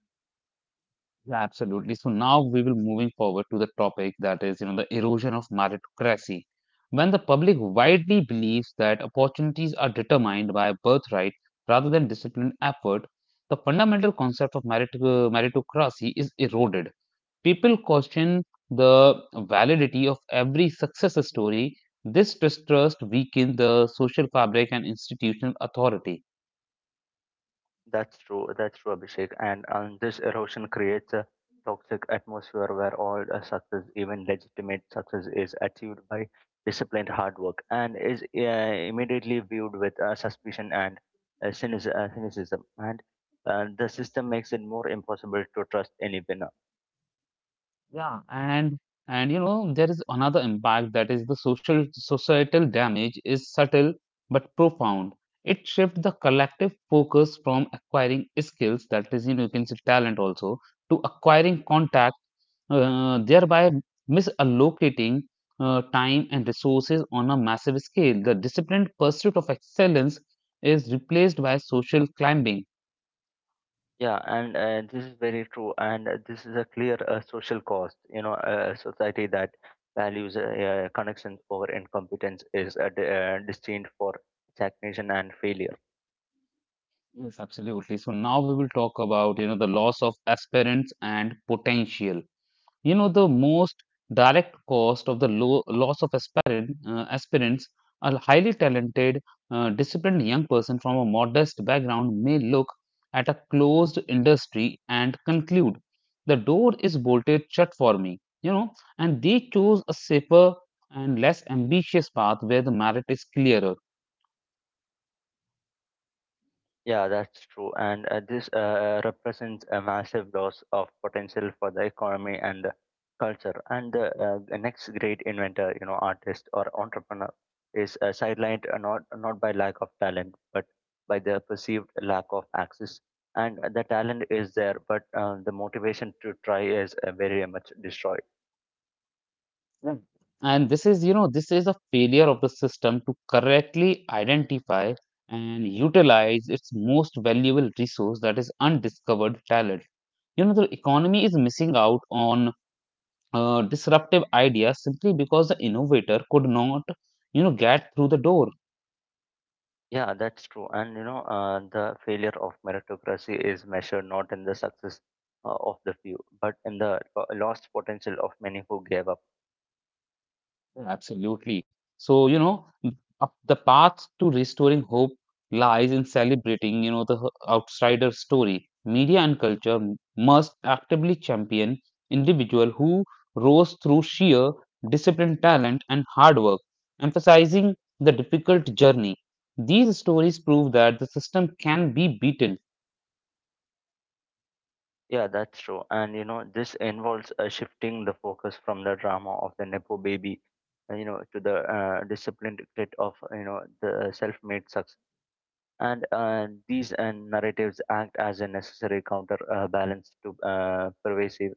A: Yeah, absolutely. So now we will moving forward to the topic that is you know the erosion of meritocracy. When the public widely believes that opportunities are determined by birthright rather than disciplined effort, the fundamental concept of meritocracy is eroded. People question the validity of every success story. This distrust weakens the social fabric and institutional authority.
B: That's true. That's true, Abhishek. And this erosion creates a toxic atmosphere where all success, even legitimate success, is achieved by disciplined hard work and is immediately viewed with suspicion and cynicism. And the system makes it more impossible to trust anyone.
A: Yeah, and you know there is another impact that is the social societal damage is subtle but profound. It shifts the collective focus from acquiring skills that is you know you can say talent also to acquiring contact thereby misallocating time and resources on a massive scale. The disciplined pursuit of excellence is replaced by social climbing.
B: Yeah, and this is very true, and this is a clear social cost. You know, a society that values connections over incompetence is destined for stagnation and failure.
A: Yes, absolutely. So now we will talk about you know the loss of aspirants and potential. You know, the most direct cost of the loss of aspirants, a highly talented, disciplined young person from a modest background may look at a closed industry and conclude, the door is bolted shut for me, you know, and they chose a safer and less ambitious path where the merit is clearer.
B: Yeah, that's true. And this represents a massive loss of potential for the economy and the culture. And the next great inventor, you know, artist or entrepreneur is sidelined not by lack of talent, but by the perceived lack of access. And the talent is there, but the motivation to try is very much destroyed.
A: Yeah. And this is, you know, this is a failure of the system to correctly identify and utilize its most valuable resource that is undiscovered talent. You know, the economy is missing out on disruptive ideas simply because the innovator could not, you know, get through the door.
B: Yeah, that's true. And you know, the failure of meritocracy is measured not in the success of the few, but in the lost potential of many who gave up.
A: Absolutely. So, you know, the path to restoring hope lies in celebrating, you know, the outsider story. Media and culture must actively champion individual who rose through sheer discipline, talent, and hard work, emphasizing the difficult journey. These stories prove that the system can be beaten.
B: Yeah, that's true. And you know, this involves shifting the focus from the drama of the Nepo baby, you know, to the disciplined grit of, you know, the self made success. And these narratives act as a necessary counter balance to pervasive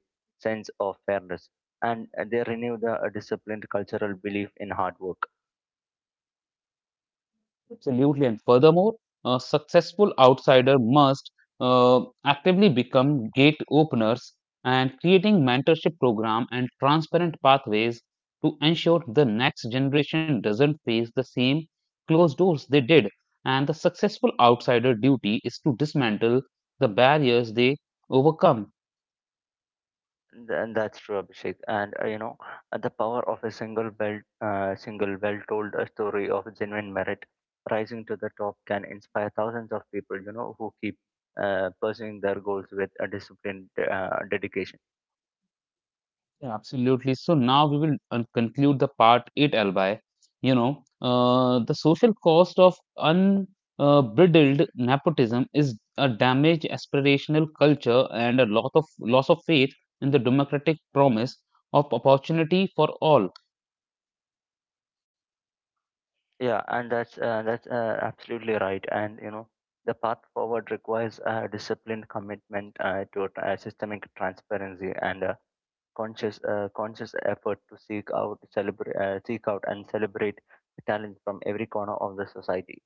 B: sense of fairness and they renew the disciplined cultural belief in hard work.
A: Absolutely. And furthermore, a successful outsider must actively become gate openers and creating mentorship program and transparent pathways to ensure the next generation doesn't face the same closed doors they did. And the successful outsider duty is to dismantle the barriers they overcome.
B: And that's true, Abhishek, and you know the power of a single well told story of genuine merit rising to the top can inspire thousands of people, you know, who keep pursuing their goals with a disciplined dedication.
A: Yeah, absolutely. So now we will conclude the part eight, Albay. You know, the social cost of unbridled nepotism is a damaged aspirational culture and a lot of loss of faith in the democratic promise of opportunity for all.
B: Yeah, and that's absolutely right. And you know, the path forward requires a disciplined commitment to systemic transparency and conscious effort to seek out and celebrate talent from every corner of the society.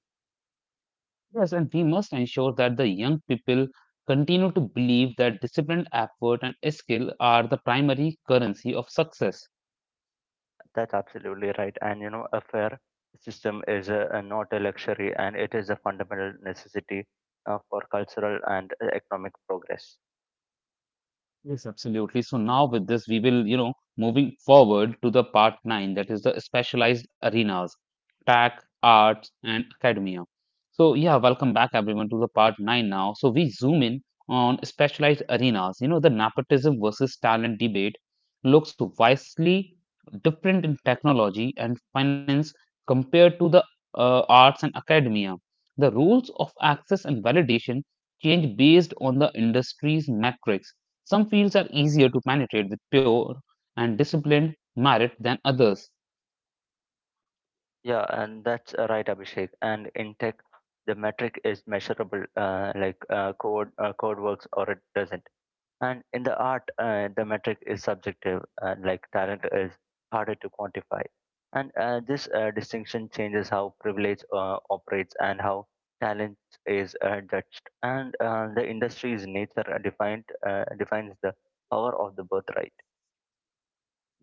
A: Yes, and we must ensure that the young people continue to believe that disciplined effort and skill are the primary currency of success.
B: That's absolutely right. And you know, a fair system is not a luxury, and it is a fundamental necessity for cultural and economic progress.
A: Yes, absolutely. So now with this, we will, you know, moving forward to the part nine, that is the specialized arenas, tech, arts, and academia. So yeah, welcome back everyone to the part nine now. So we zoom in on specialized arenas. You know, the nepotism versus talent debate looks vastly different in technology and finance compared to the arts and academia. The rules of access and validation change based on the industry's metrics. Some fields are easier to penetrate with pure and disciplined merit than others.
B: Yeah, and that's right, Abhishek. And in tech, the metric is measurable, like code works or it doesn't. And in the art, the metric is subjective, and like talent is harder to quantify. And this distinction changes how privilege operates and how talent is judged. And the industry's nature defined defines the power of the birthright.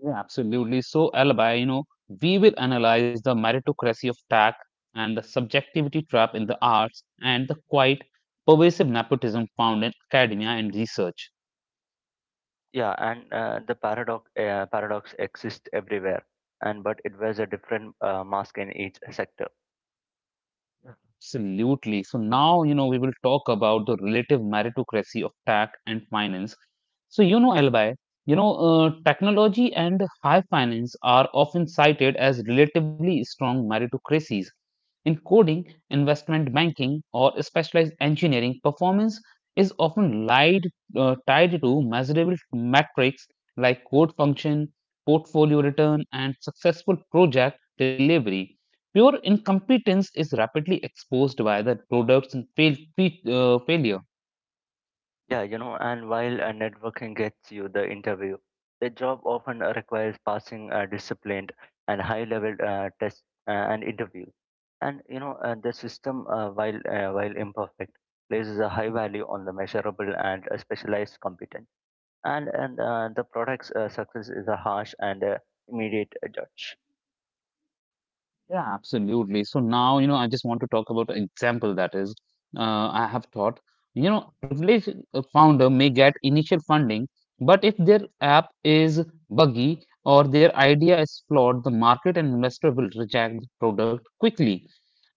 A: Yeah, absolutely. So, Alibi, you know, we will analyze the meritocracy of tech and the subjectivity trap in the arts and the quite pervasive nepotism found in academia and research.
B: Yeah, and the paradox exists everywhere, and but it wears a different mask in each sector.
A: Absolutely. So now, you know, we will talk about the relative meritocracy of tech and finance. So, you know, Albai, you know, technology and high finance are often cited as relatively strong meritocracies. In coding, investment banking, or specialized engineering, performance is often tied to measurable metrics like code function, portfolio return, and successful project delivery. Pure incompetence is rapidly exposed by the products and failure.
B: Yeah, you know, and while networking gets you the interview, the job often requires passing disciplined and high-level tests and interviews. And you know, the system, while imperfect, places a high value on the measurable and specialized competence. And the product's success is a harsh and immediate judge.
A: Yeah, absolutely. So now, you know, I just want to talk about an example that is, I have thought, you know, privileged founder may get initial funding, but if their app is buggy or their idea is flawed, the market and investor will reject the product quickly.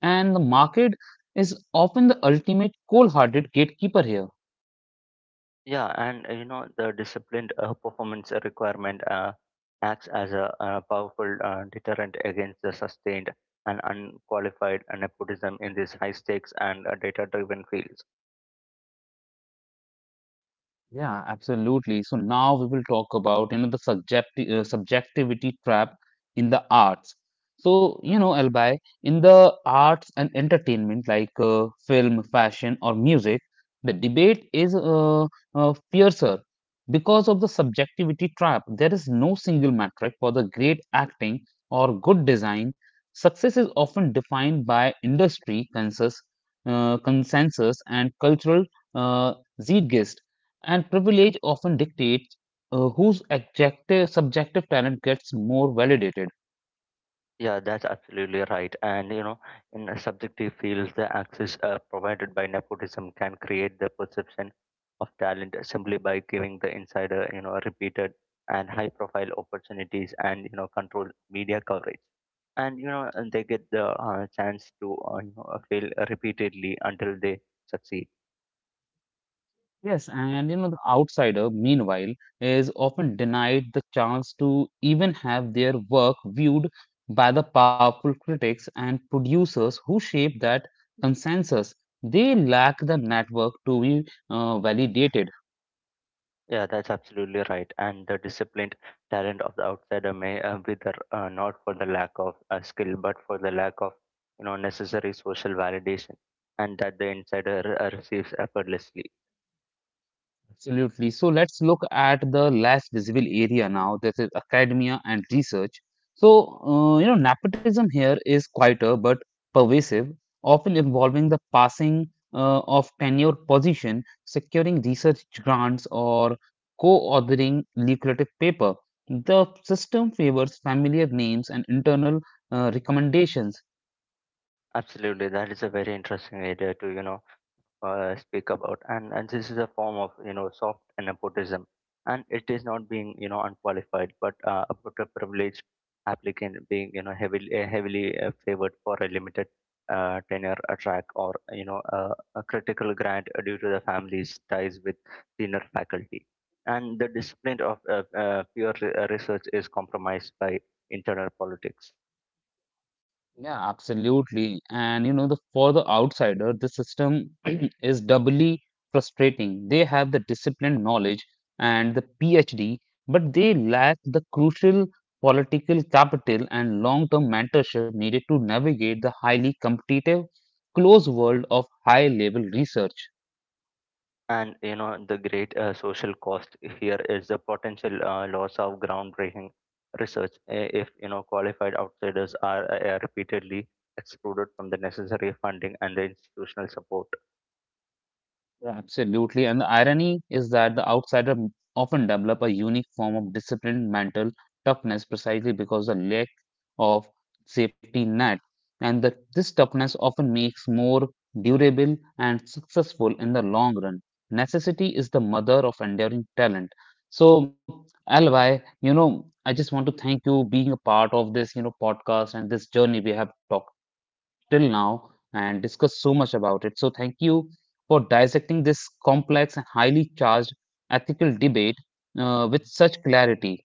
A: And the market is often the ultimate cold-hearted gatekeeper here.
B: Yeah, and you know the disciplined performance requirement acts as a powerful deterrent against the sustained and unqualified nepotism in these high stakes and data-driven fields.
A: Yeah, absolutely. So now we will talk about you know the subjectivity trap in the arts. So you know, Albay, in the arts and entertainment like film, fashion, or music, the debate is fiercer because of the subjectivity trap. There is no single metric for the great acting or good design. Success is often defined by industry consensus and cultural uh, zeitgeist. And privilege often dictates whose objective, subjective talent gets more validated.
B: Yeah, that's absolutely right. And you know, in a subjective fields, the access provided by nepotism can create the perception of talent simply by giving the insider, you know, repeated and high-profile opportunities, and you know controlled media coverage, and you know and they get the chance to you know fail repeatedly until they succeed.
A: Yes, and you know, the outsider, meanwhile, is often denied the chance to even have their work viewed by the powerful critics and producers who shape that consensus. They lack the network to be validated.
B: Yeah, that's absolutely right, and the disciplined talent of the outsider may wither not for the lack of skill but for the lack of you know necessary social validation, and that the insider receives effortlessly.
A: Absolutely. So let's look at the less visible area now. This is academia and research. So, you know, nepotism here is quieter but pervasive, often involving the passing of tenure position, securing research grants, or co-authoring lucrative paper. The system favors familiar names and internal recommendations.
B: Absolutely, that is a very interesting idea to you know speak about. And this is a form of you know soft nepotism, and it is not being you know unqualified, but about a privileged applicant being you know heavily favored for a limited tenure a track, or you know a critical grant due to the family's ties with senior faculty. And the discipline of pure research is compromised by internal politics.
A: Yeah, absolutely. And you know, the for the outsider, the system is doubly frustrating. They have the disciplined knowledge and the PhD, but they lack the crucial political capital and long-term mentorship needed to navigate the highly competitive, close world of high-level research.
B: And you know, the great social cost here is the potential loss of groundbreaking research if you know qualified outsiders are repeatedly excluded from the necessary funding and the institutional support.
A: Yeah, absolutely. And the irony is that the outsider often develop a unique form of disciplined mental toughness precisely because the lack of safety net. And that this toughness often makes more durable and successful in the long run. Necessity is the mother of enduring talent. So, Alvi, you know, I just want to thank you being a part of this, you know, podcast and this journey we have talked till now and discussed so much about it. So, thank you for dissecting this complex and highly charged ethical debate with such clarity.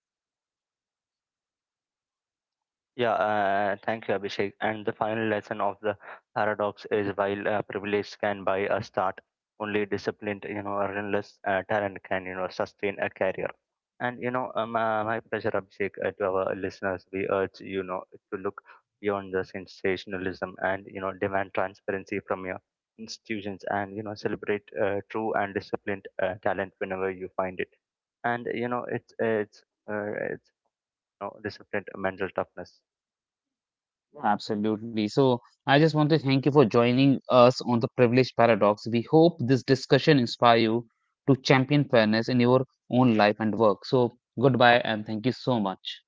B: Yeah, thank you, Abhishek. And the final lesson of the paradox is while privilege can buy a start, only disciplined, you know, relentless talent can, you know, sustain a career. And, you know, my pleasure, Abhishek. To our listeners, we urge, you know, to look beyond the sensationalism and, you know, demand transparency from your institutions and, you know, celebrate true and disciplined talent whenever you find it. And, you know, it's, you know, disciplined mental toughness.
A: Absolutely. So, I just want to thank you for joining us on the privilege paradox. We hope this discussion inspire you to champion fairness in your own life and work. So, goodbye and thank you so much.